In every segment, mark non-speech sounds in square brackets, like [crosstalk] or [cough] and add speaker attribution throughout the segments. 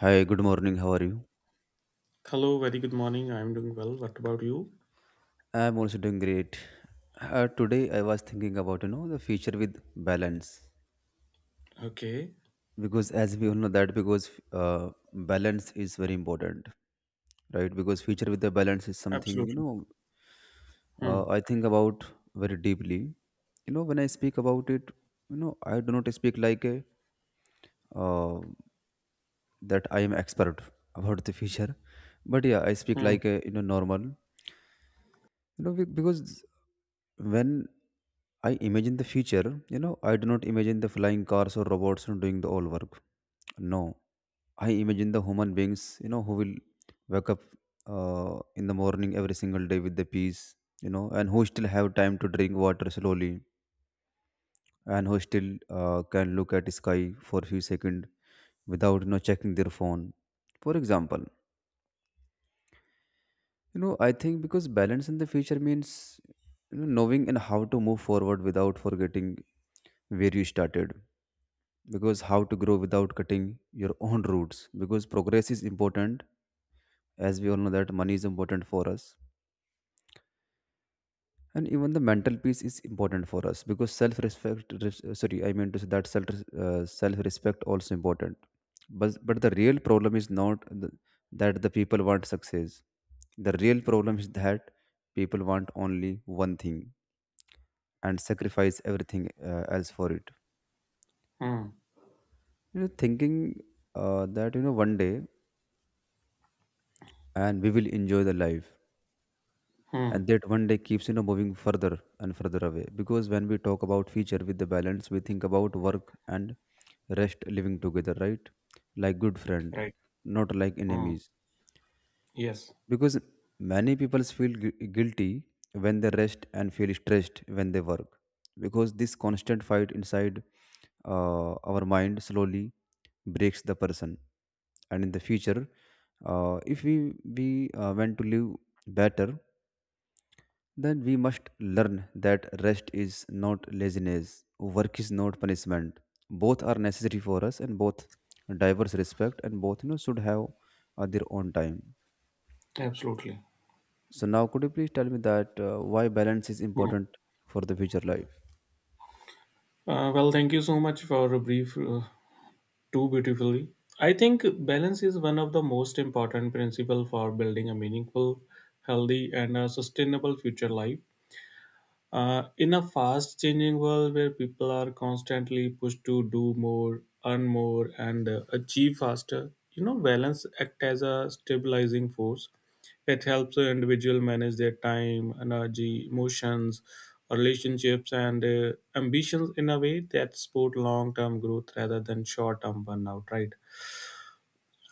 Speaker 1: Hi, good morning. How are you?
Speaker 2: Hello, very good morning. I'm doing well. What about you?
Speaker 1: I'm also doing great. Today I was thinking about the future with balance,
Speaker 2: Okay,
Speaker 1: because as we all know that, because balance is very important, right? Because future with the balance is something,
Speaker 2: absolutely. Hmm,
Speaker 1: I think about very deeply. You know, when I speak about it, I do not speak like a, uh, that I am expert about the future, but yeah, I speak
Speaker 2: hmm,
Speaker 1: like a normal, because when I imagine the future. I do not imagine the flying cars or robots and doing the all work. No, I imagine the human beings. You know, who will wake up in the morning every single day with the peace. You know, and who still have time to drink water slowly, and who still can look at sky for a few seconds without checking their phone. For example, I think, because balance in the future means, knowing and how to move forward without forgetting where you started, because how to grow without cutting your own roots, because progress is important, as we all know that money is important for us, and even the mental peace is important for us, because self respect, sorry, I mean to say that self, self respect also important, but the real problem is not the, that the people want success, the real problem is that people want only one thing and sacrifice everything, else for it,
Speaker 2: hmm,
Speaker 1: thinking, that one day, and we will enjoy the life,
Speaker 2: hmm.
Speaker 1: and that one day keeps moving further and further away, because when we talk about future with the balance, we think about work and rest living together, right? Like good friend,
Speaker 2: Right.
Speaker 1: not like
Speaker 2: Hmm.
Speaker 1: enemies,
Speaker 2: Yes,
Speaker 1: because many people feel guilty when they rest, and feel stressed when they work, because this constant fight inside our mind slowly breaks the person, and in the future, if we want to live better, then we must learn that rest is not laziness, work is not punishment. Both are necessary for us, and both diverse respect, and both should have their own time.
Speaker 2: absolutely.
Speaker 1: So now, could you please tell me that, why balance is
Speaker 2: Hmm.
Speaker 1: important for the future life?
Speaker 2: Well, thank you so much for a brief too beautifully. I think balance is one of the most important principle for building a meaningful, healthy, and a sustainable future life. In a fast changing world where people are constantly pushed to do more, earn more, and achieve faster, you know, balance act as a stabilizing force. It helps the individual manage their time, energy, emotions, relationships, and ambitions in a way that support long term growth rather than short term burnout, right?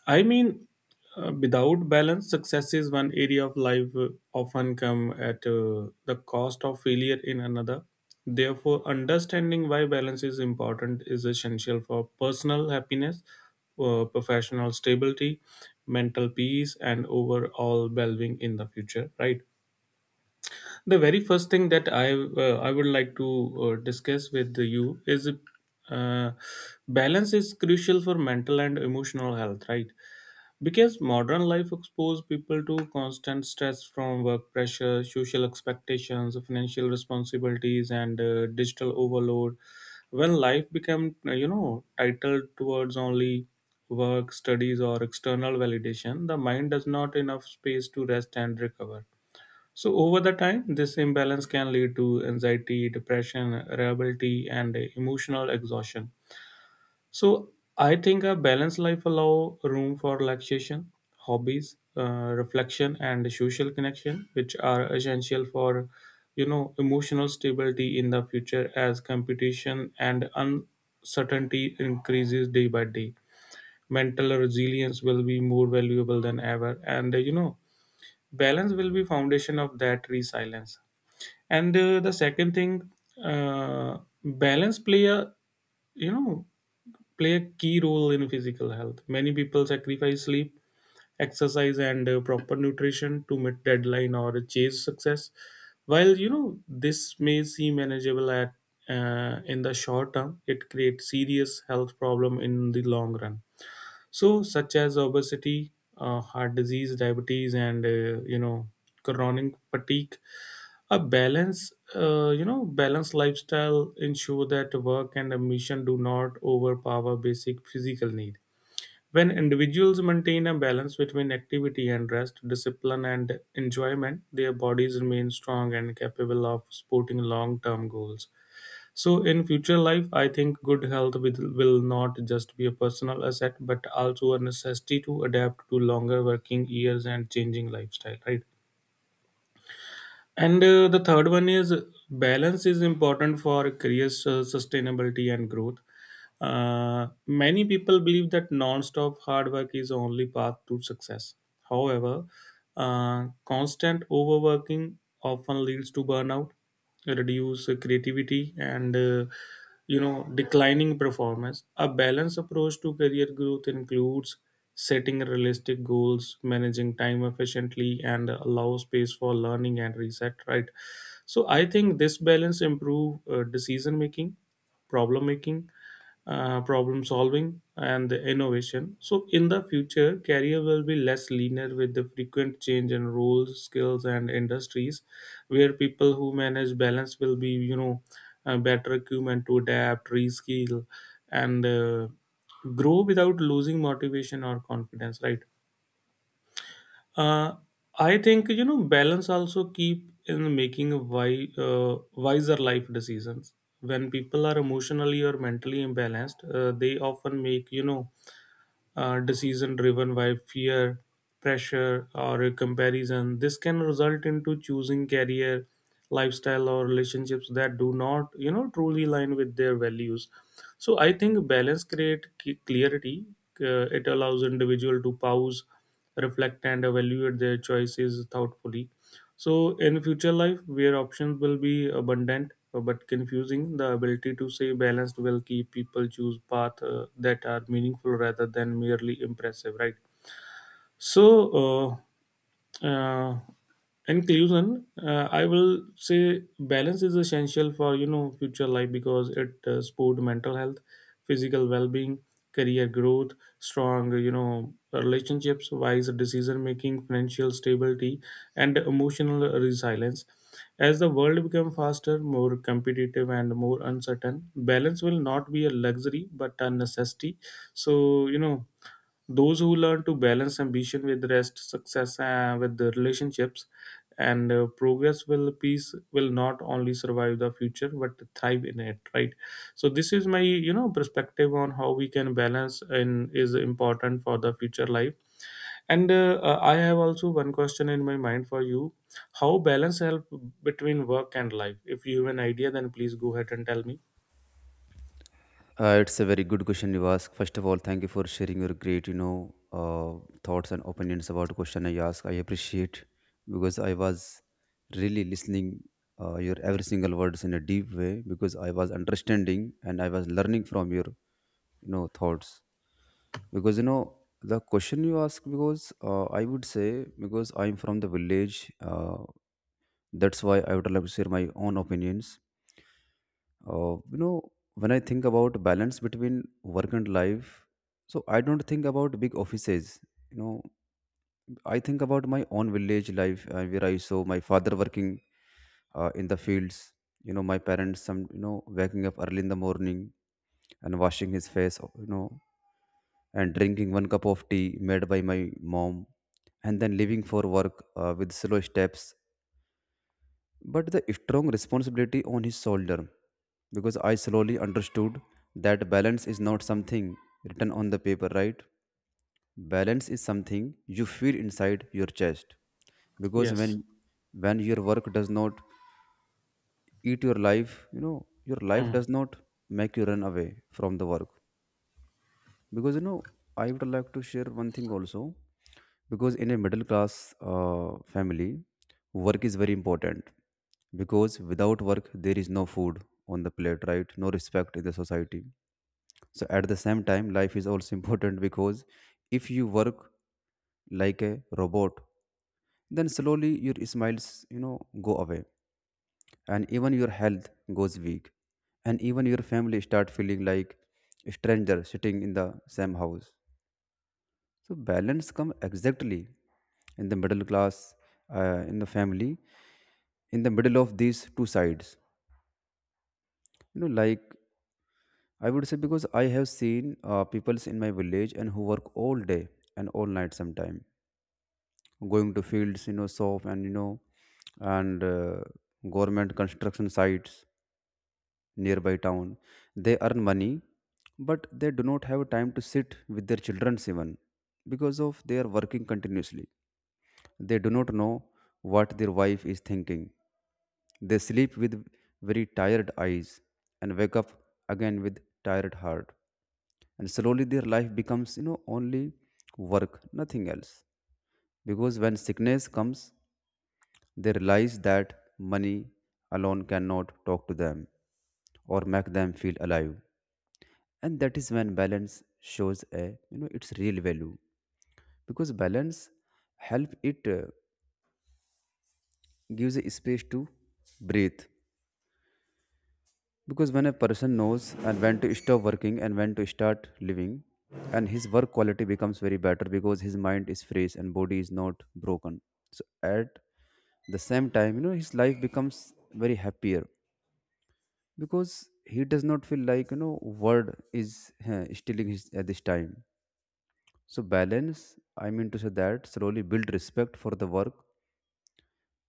Speaker 2: I mean, without balance, success is one area of life often come at the cost of failure in another. Therefore, understanding why balance is important is essential for personal happiness, professional stability, mental peace, and overall well-being in the future. Right. The very first thing that I would like to discuss with you is uh, balance is crucial for mental and emotional health. Right, because modern life exposes people to constant stress from work pressure, social expectations, financial responsibilities, and digital overload. When life became, you know, titled towards only work, studies, or external validation, the mind does not enough space to rest and recover. So over the time, this imbalance can lead to anxiety, depression, irritability, and emotional exhaustion. So I think a balanced life allow room for relaxation, hobbies, reflection, and social connection, which are essential for you know emotional stability in the future as competition and uncertainty increases day by day. Mental resilience will be more valuable than ever, and you know balance will be foundation of that resilience and the second thing, uh, balance you know play a key role in physical health. Many people sacrifice sleep, exercise and proper nutrition to meet deadline or chase success. While you know this may seem manageable at in the short term, it creates serious health problem in the long run, so such as obesity, heart disease, diabetes and you know chronic fatigue. A balanced lifestyle ensure that work and ambition do not overpower basic physical need. When individuals maintain a balance between activity and rest, discipline and enjoyment, their bodies remain strong and capable of supporting long-term goals. So in future life, I think good health will not just be a personal asset, but also a necessity to adapt to longer working years and changing lifestyle, right? And the third one is balance is important for career sustainability and growth. Many people believe that non-stop hard work is the only path to success. However, constant overworking often leads to burnout, reduced creativity, and you know declining performance. A balanced approach to career growth includes setting realistic goals, managing time efficiently, and allow space for learning and reset. Right. So I think this balance improve decision making, problem making problem solving and the innovation. So in the future, career will be less linear with the frequent change in roles, skills, and industries, where people who manage balance will be you know better equipment to adapt, reskill, and grow without losing motivation or confidence. Right. Uh, I think you know balance also keep in making wiser life decisions. When people are emotionally or mentally imbalanced, they often make you know decision driven by fear, pressure, or comparison. This can result into choosing career, lifestyle, or relationships that do not, you know, truly align with their values. So I think balance create clarity. It allows individual to pause, reflect, and evaluate their choices thoughtfully. So, in future life, where options will be abundant but confusing, the ability to say balanced will keep people choose paths that are meaningful rather than merely impressive, right? So, uh, uh, inclusion, I will say balance is essential for you know future life because it support mental health, physical well-being, career growth, strong you know relationships, wise decision making, financial stability, and emotional resilience. As the world becomes faster, more competitive and more uncertain, balance will not be a luxury but a necessity. So you know those who learn to balance ambition with rest, success with the relationships, and progress will peace will not only survive the future but thrive in it. Right. So this is my you know perspective on how we can balance and is important for the future life. And I have also one question in my mind for you: How balance help between work and life? If you have an idea, then please go ahead and tell me.
Speaker 1: It's a very good question you ask. First of all, thank you for sharing your great, thoughts and opinions about the question I ask. I appreciate, because I was really listening your every single words in a deep way, because I was understanding and I was learning from your, thoughts. Because the question you ask, because I would say, because I'm from the village. That's why I would like to share my own opinions, when I think about balance between work and life, so I don't think about big offices. You know, I think about my own village life, where I saw my father working, in the fields. You know, my parents, some waking up early in the morning and washing his face. You know, and drinking one cup of tea made by my mom, and then leaving for work with slow steps, but the strong responsibility on his shoulder, because I slowly understood that balance is not something written on the paper, right? Balance is something you feel inside your chest, because
Speaker 2: Yes.
Speaker 1: when your work does not eat your life, your life does
Speaker 2: Hmm.
Speaker 1: not make you run away from the work. Because I would like to share one thing also, because in a middle class family, work is very important, because without work there is no food on the plate, right? No respect in the society. So at the same time, life is also [laughs] important, because if you work like a robot, then slowly your smiles go away, and even your health goes weak, and even your family start feeling like a stranger sitting in the same house. So balance come exactly in the middle class, in the family, in the middle of these two sides, like, I would say, because I have seen peoples in my village and who work all day and all night sometime, going to fields, shop, and you know and government construction sites nearby town. They earn money, but they do not have time to sit with their children even, because of they are working continuously. They do not know what their wife is thinking. They sleep with very tired eyes and wake up again with tired heart. And slowly their life becomes, only work, nothing else. Because when sickness comes, they realize that money alone cannot talk to them or make them feel alive. And that is when balance shows a, its real value. Because balance help it, gives a space to breathe, because when a person knows and when to stop working and when to start living, and his work quality becomes very better, because his mind is fresh and body is not broken. So at the same time, his life becomes very happier, because he does not feel like word is stealing his at this time. So balance, I mean to say that, slowly build respect for the work,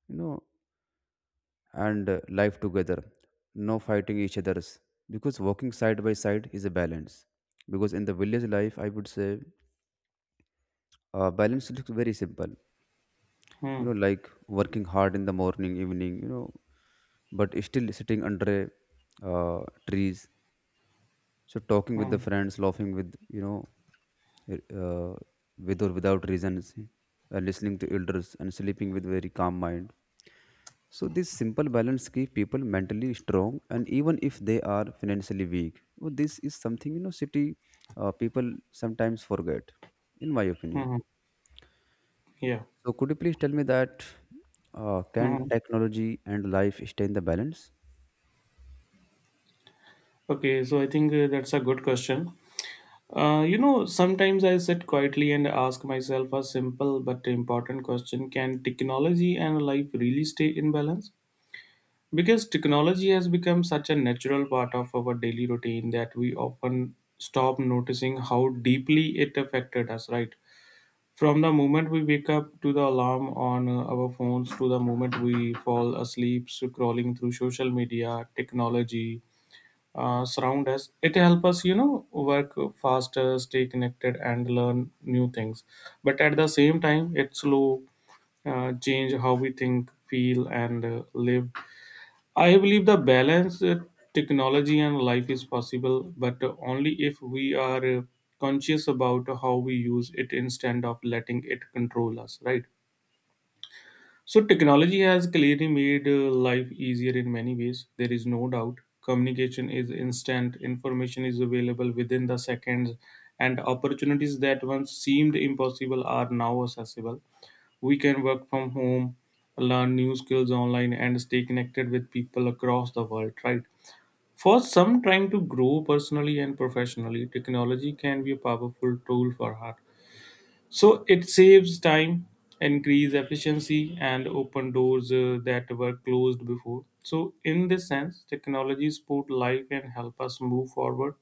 Speaker 1: you know and life together, no fighting each other's, because walking side by side is a balance. Because in the village life, I would say, balance looks very simple,
Speaker 2: Hmm.
Speaker 1: like working hard in the morning evening, but still sitting under uh, trees, so talking with
Speaker 2: Hmm.
Speaker 1: the friends, laughing with, uh, uh, with or without reasons, listening to elders and sleeping with very calm mind. So this simple balance keeps people mentally strong, and even if they are financially weak, well, this is something city people sometimes forget, in my opinion.
Speaker 2: Hmm. Yeah.
Speaker 1: So could you please tell me that, can
Speaker 2: Hmm.
Speaker 1: technology and life stay in the balance?
Speaker 2: Okay, so I think that's a good question. You know, sometimes I sit quietly and ask myself a simple but important question. Can technology and life really stay in balance? Because technology has become such a natural part of our daily routine that we often stop noticing how deeply it affected us, right? From the moment we wake up to the alarm on our phones to the moment we fall asleep scrolling through social media, technology surround us. It helps us you know work faster, stay connected and learn new things, but at the same time it slow change how we think, feel and live. I believe the balance, technology and life is possible, but only if we are conscious about how we use it instead of letting it control us, right? So, technology has clearly made life easier in many ways. There is no doubt. Communication is instant, information is available within the seconds, and opportunities that once seemed impossible are now accessible. We can work from home, learn new skills online, and stay connected with people across the world, right? For some trying to grow personally and professionally, technology can be a powerful tool for her. So it saves time, increase efficiency, and open doors that were closed before. So in this sense, technology support life and help us move forward.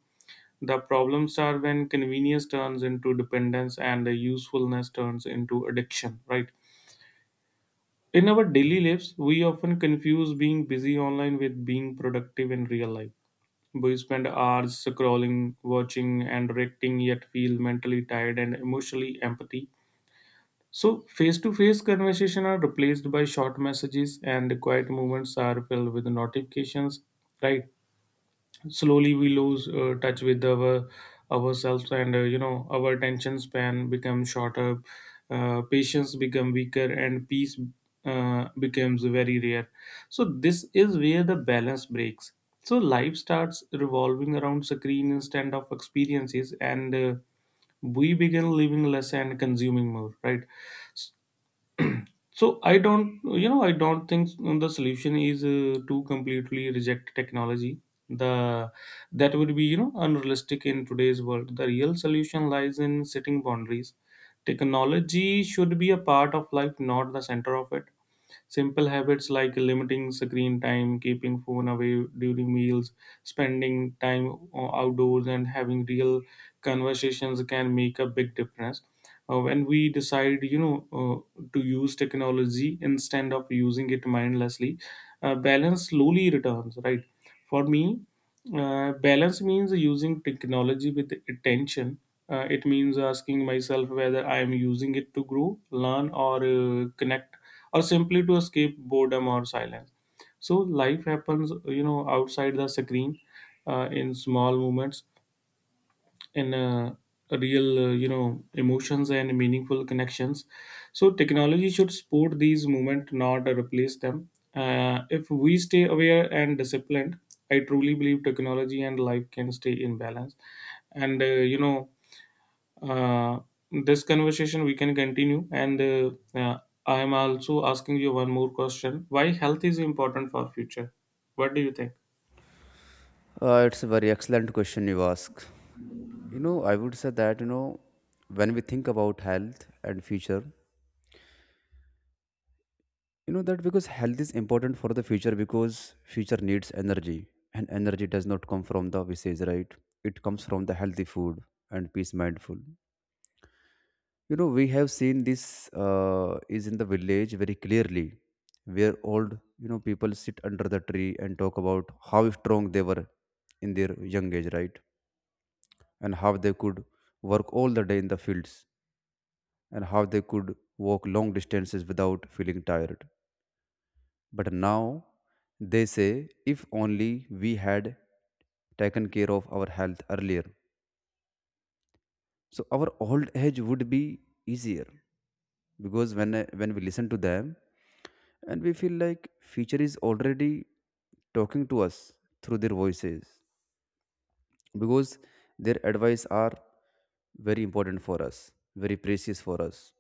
Speaker 2: The problems are when convenience turns into dependence and the usefulness turns into addiction, right? In our daily lives, we often confuse being busy online with being productive in real life. We spend hours scrolling, watching, and reacting, yet feel mentally tired and emotionally empty. So, face to face conversation are replaced by short messages, and the quiet moments are filled with notifications. Right? Slowly, we lose touch with our ourselves, and you know our attention span becomes shorter, patience become weaker, and peace becomes very rare. So, this is where the balance breaks. So, life starts revolving around screen instead of experiences, and we begin living less and consuming more. Right? So I don't think the solution is to completely reject technology. The that would be, you know, unrealistic in today's world. The real solution lies in setting boundaries. Technology should be a part of life, not the center of it. Simple habits like limiting screen time, keeping phone away during meals, spending time outdoors, and having real conversations can make a big difference. When we decide, you know, to use technology instead of using it mindlessly, balance slowly returns. Right? For me, balance means using technology with attention. It means asking myself whether I am using it to grow, learn, or connect, or simply to escape boredom or silence. So life happens, you know, outside the screen in small moments, in real you know emotions and meaningful connections. So technology should support these movement, not replace them. If we stay aware and disciplined, I truly believe technology and life can stay in balance. And you know uh, this conversation we can continue, and I am also asking you one more question: why health is important for future? What do you think?
Speaker 1: It's a very excellent question you ask. You know, I would say that, when we think about health and future, that because health is important for the future, because future needs energy, and energy does not come from the visage, right? It comes from the healthy food and peace mindful. We have seen this, is in the village very clearly, where old, people sit under the tree and talk about how strong they were in their young age, right? And how they could work all the day in the fields, and how they could walk long distances without feeling tired. But now they say, if only we had taken care of our health earlier, so our old age would be easier. Because when, when we listen to them, and we feel like future is already talking to us through their voices, because their advice are very important for us, very precious for us,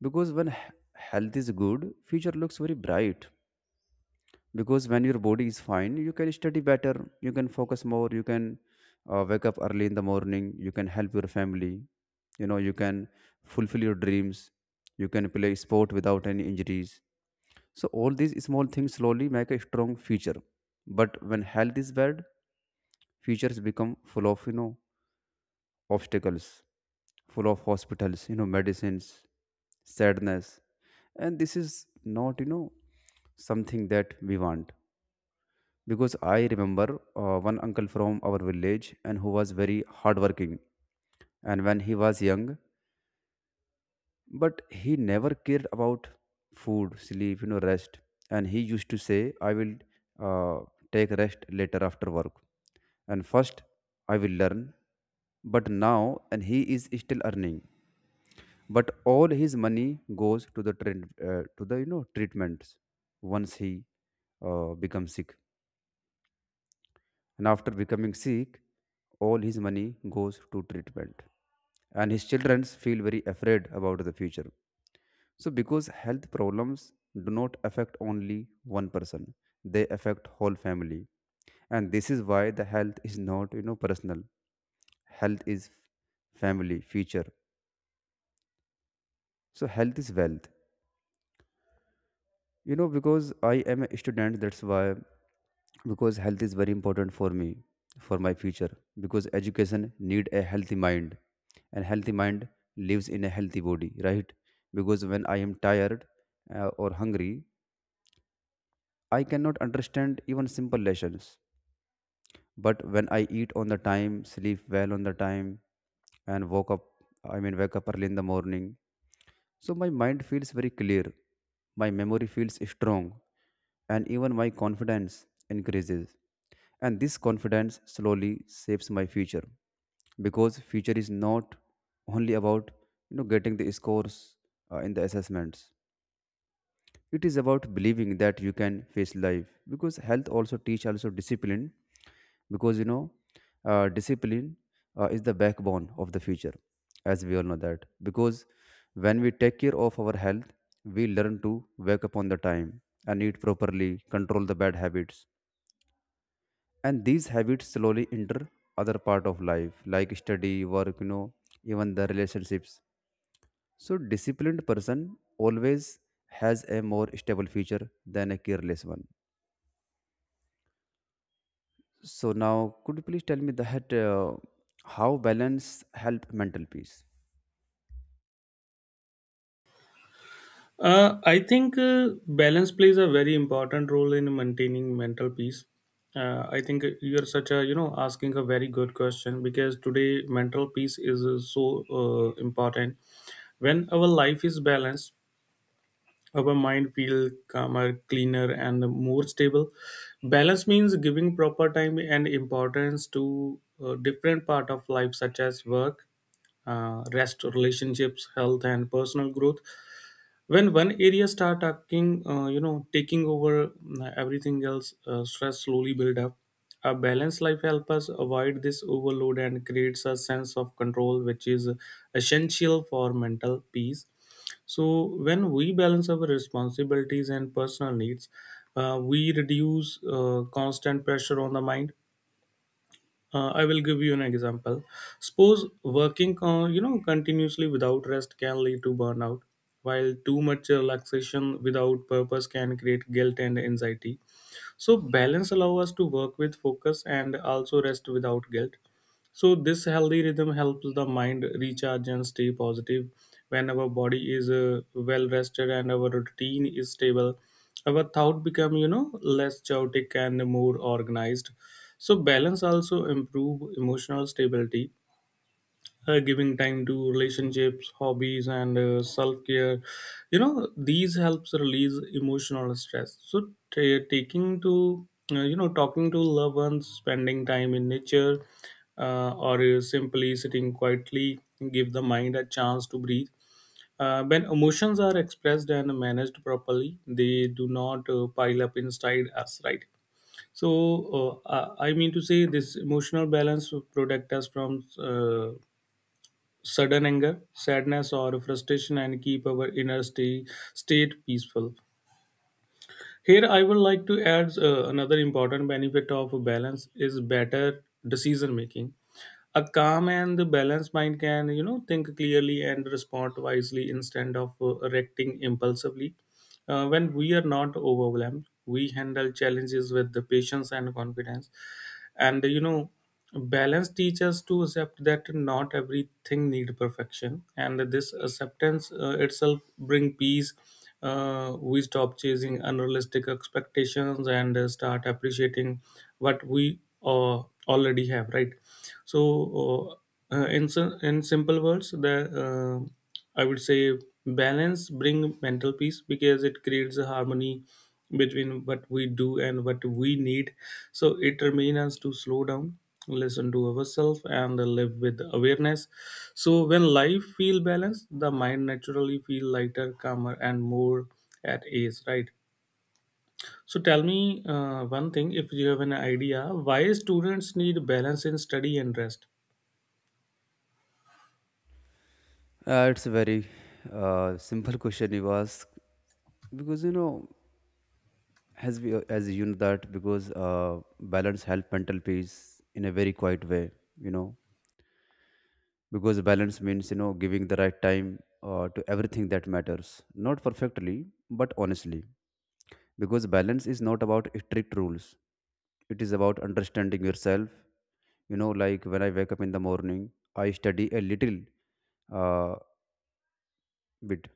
Speaker 1: because when health is good, future looks very bright, because when your body is fine, you can study better, you can focus more, you can wake up early in the morning, you can help your family, you can fulfill your dreams, you can play sport without any injuries. So all these small things slowly make a strong future, but when health is bad, futures become full of, obstacles, full of hospitals, medicines, sadness, and this is not, something that we want. Because I remember one uncle from our village, and who was very hardworking, and when he was young, but he never cared about food, sleep, rest, and he used to say, I will uh, take rest later after work, and first I will learn. But now, and he is still earning, but all his money goes to the treatments once he becomes sick. And after becoming sick, all his money goes to treatment. And his children feel very afraid about the future. So, because health problems do not affect only one person, they affect whole family. And this is why the health is not, personal. Health is family, future. So, health is wealth. Because I am a student, that's why because health is very important for me for my future because education need a healthy mind and healthy mind lives in a healthy body, right? Because when I am tired or hungry, I cannot understand even simple lessons. But when I eat on the time, sleep well on the time, and woke up I mean wake up early in the morning, so my mind feels very clear, my memory feels strong, and even my confidence increases. And this confidence slowly shapes my future, because future is not only about getting the scores in the assessments. It is about believing that you can face life, because health also teach also discipline. Because discipline is the backbone of the future, as we all know. That because when we take care of our health, we learn to wake up on the time and eat properly, control the bad habits, and these habits slowly enter other part of life like study, work, even the relationships. So, disciplined person always has a more stable future than a careless one. So, now could you please tell me that how balance help mental peace?
Speaker 2: I think balance plays a very important role in maintaining mental peace. I think you're such a you know asking a very good question because today mental peace is so important. When our life is balanced, our mind feels calmer, cleaner, and more stable. Balance means giving proper time and importance to different part of life such as work, rest, relationships, health, and personal growth. When one area start taking you know taking over mm, everything else, stress slowly build up. A balanced life helps us avoid this overload and creates a sense of control which is essential for mental peace. So when we balance our responsibilities and personal needs, we reduce constant pressure on the mind. I will give you an example. Suppose working, continuously without rest can lead to burnout, while too much relaxation without purpose can create guilt and anxiety. So balance allows us to work with focus and also rest without guilt. So this healthy rhythm helps the mind recharge and stay positive. When our body is well rested and our routine is stable, our thought become less chaotic and more organized. So balance also improve emotional stability, giving time to relationships, hobbies, and self-care. These helps release emotional stress, so ta taking to you know talking to loved ones, spending time in nature, or simply sitting quietly give the mind a chance to breathe. When emotions are expressed and managed properly, they do not pile up inside us, right? So I mean to say this emotional balance will protect us from uh, sudden anger, sadness, or frustration and keep our state peaceful. Here, I would like to add another important benefit of balance is better decision making. A calm and balanced mind can, think clearly and respond wisely instead of reacting impulsively. When we are not overwhelmed, we handle challenges with the patience and confidence, and balance teaches to accept that not everything need perfection, and this acceptance itself bring peace. We stop chasing unrealistic expectations and start appreciating what we already have, right? So in simple words, the I would say balance bring mental peace because it creates a harmony between what we do and what we need. So it remains us to slow down, listen to ourselves, and live with awareness. So when life feel balanced, the mind naturally feel lighter, calmer, and more at ease. Right. So tell me one thing: if you have an idea, why students need balance in study and rest?
Speaker 1: It's a very simple [laughs] question you ask, because you know as we as you know that because balance help mental peace in a very quiet way. You know, because balance means, giving the right time to everything that matters, not perfectly but honestly, because balance is not about strict rules, it is about understanding yourself. You know, like when I wake up in the morning, I study a little uh, bit,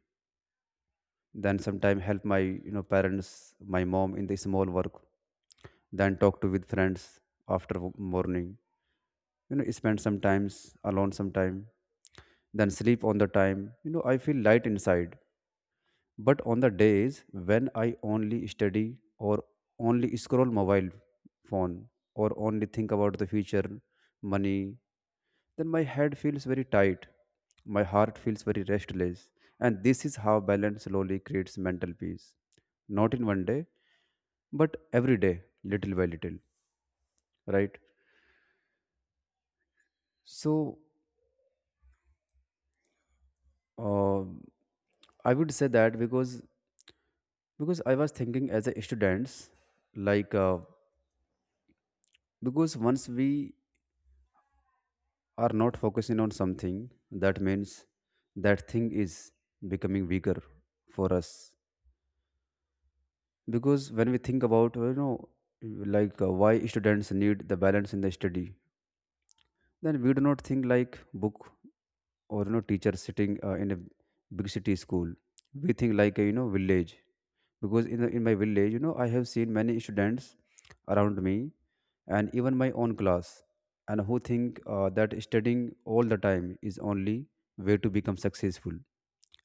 Speaker 1: then sometime help my, parents, my mom, in the small work, then talk to with friends after morning, spend some times alone sometime, then sleep on the time, I feel light inside. But on the days when I only study, or only scroll mobile phone, or only think about the future, money, then my head feels very tight. My heart feels very restless. And this is how balance slowly creates mental peace. Not in one day, but every day, little by little, right? So uh, I would say that because I was thinking as a students, like because once we are not focusing on something, that means that thing is becoming bigger for us. Because when we think about, like why students need the balance in the study, then we do not think like book or, teacher sitting in a big city school. We think like a, village. Because in my village, you know, I have seen many students around me, and even my own class, and who think that studying all the time is only way to become successful.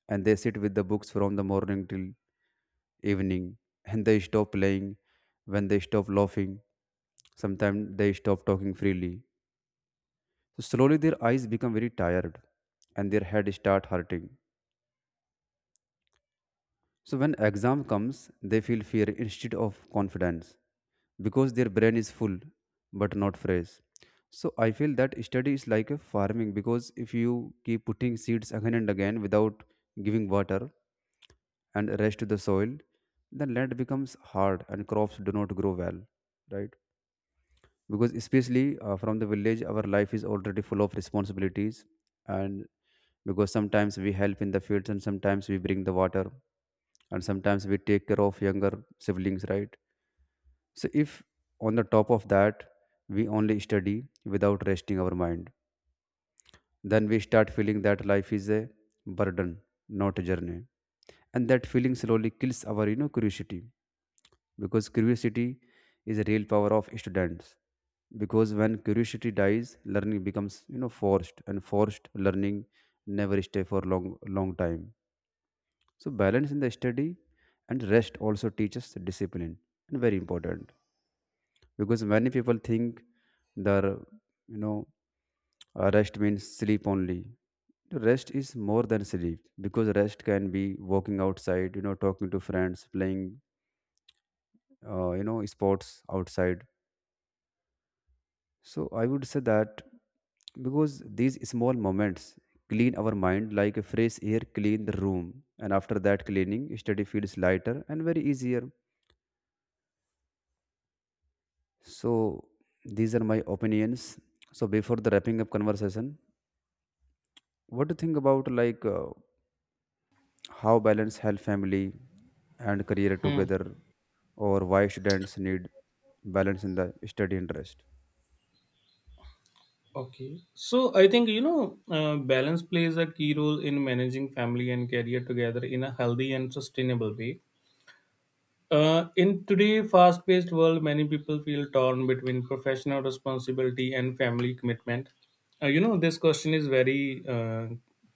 Speaker 1: And they sit with the books from the morning till evening, and they stop playing, when they stop laughing, sometimes they stop talking freely. So slowly their eyes become very tired and their head start hurting. So when exam comes, they feel fear instead of confidence, because their brain is full but not fresh. So I feel that study is like a farming, because if you keep putting seeds again and again without giving water and rest to the soil, the land becomes hard and crops do not grow well, right? Because especially from the village, our life is already full of responsibilities. And because sometimes we help in the fields, and sometimes we bring the water, and sometimes we take care of younger siblings, right? So, if on the top of that we only study without resting our mind, then we start feeling that life is a burden, not a journey. And that feeling slowly kills our, curiosity, because curiosity is a real power of students. Because when curiosity dies, learning becomes, forced, and forced learning never stay for long long time. So balance in the study and rest also teaches discipline, and very important, because many people think the, you know rest means sleep only. The rest is more than sleep, because rest can be walking outside, talking to friends, playing sports outside. So I would say that because these small moments clean our mind like a fresh air clean the room, and after that cleaning study feels lighter and very easier. So these are my opinions. So before the wrapping up conversation, what do you think about, like how balance health, family, and career
Speaker 2: Hmm.
Speaker 1: together, or why students need balance in the study and rest?
Speaker 2: Okay. So I think, balance plays a key role in managing family and career together in a healthy and sustainable way. In today's fast paced world, many people feel torn between professional responsibility and family commitment. This question is very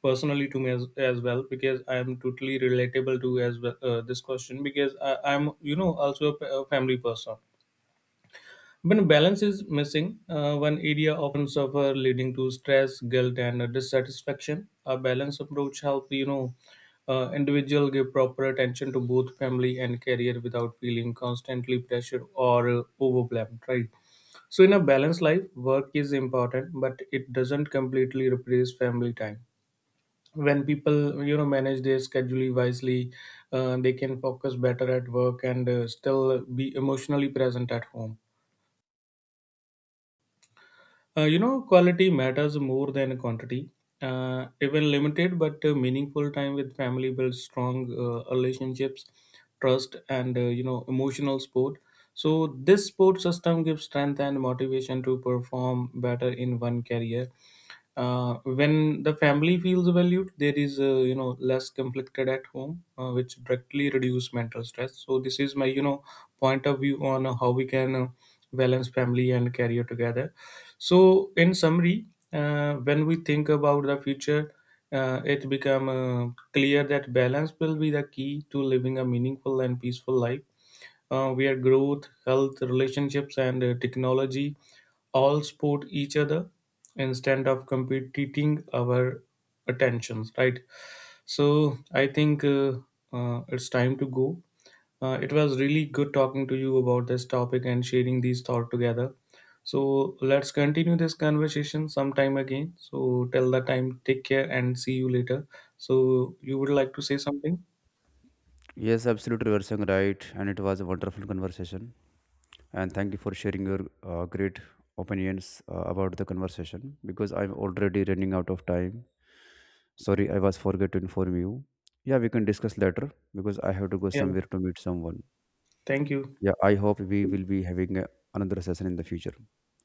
Speaker 2: personally to me as well, because I am totally relatable to as well, this question, because I'm, also a, a family person. When balance is missing, one area often suffer, leading to stress, guilt, and dissatisfaction. A balanced approach helps, individual give proper attention to both family and career without feeling constantly pressured or overwhelmed. Right. So in a balanced life, work is important, but it doesn't completely replace family time. When people, manage their schedule wisely, they can focus better at work and still be emotionally present at home. Quality matters more than quantity. Even limited but meaningful time with family builds strong relationships, trust, and emotional support. So this support system gives strength and motivation to perform better in one career. When the family feels valued, there is less conflicted at home, which directly reduce mental stress. So this is my, point of view on how we can balance family and career together. So in summary, when we think about the future, it become clear that balance will be the key to living a meaningful and peaceful life, where growth, health, relationships, and technology all support each other instead of competing our attentions, right? So I think, it's time to go. It was really good talking to you about this topic and sharing these thoughts together. So let's continue this conversation sometime again. So till that time, take care and see you later. So you would like to say something?
Speaker 1: Yes, absolutely, you are saying right, and it was a wonderful conversation. And thank you for sharing your great opinions about the conversation, because I'm already running out of time. Sorry, I was forget to inform you. Yeah, we can discuss later because I have to go
Speaker 2: Yeah,
Speaker 1: somewhere to meet someone.
Speaker 2: thank you.
Speaker 1: Yeah, I hope we will be having another session in the future.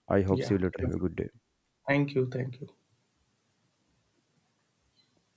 Speaker 1: I hope see
Speaker 2: Yeah,
Speaker 1: you later.
Speaker 2: sure.
Speaker 1: Have a good day.
Speaker 2: Thank you, thank you.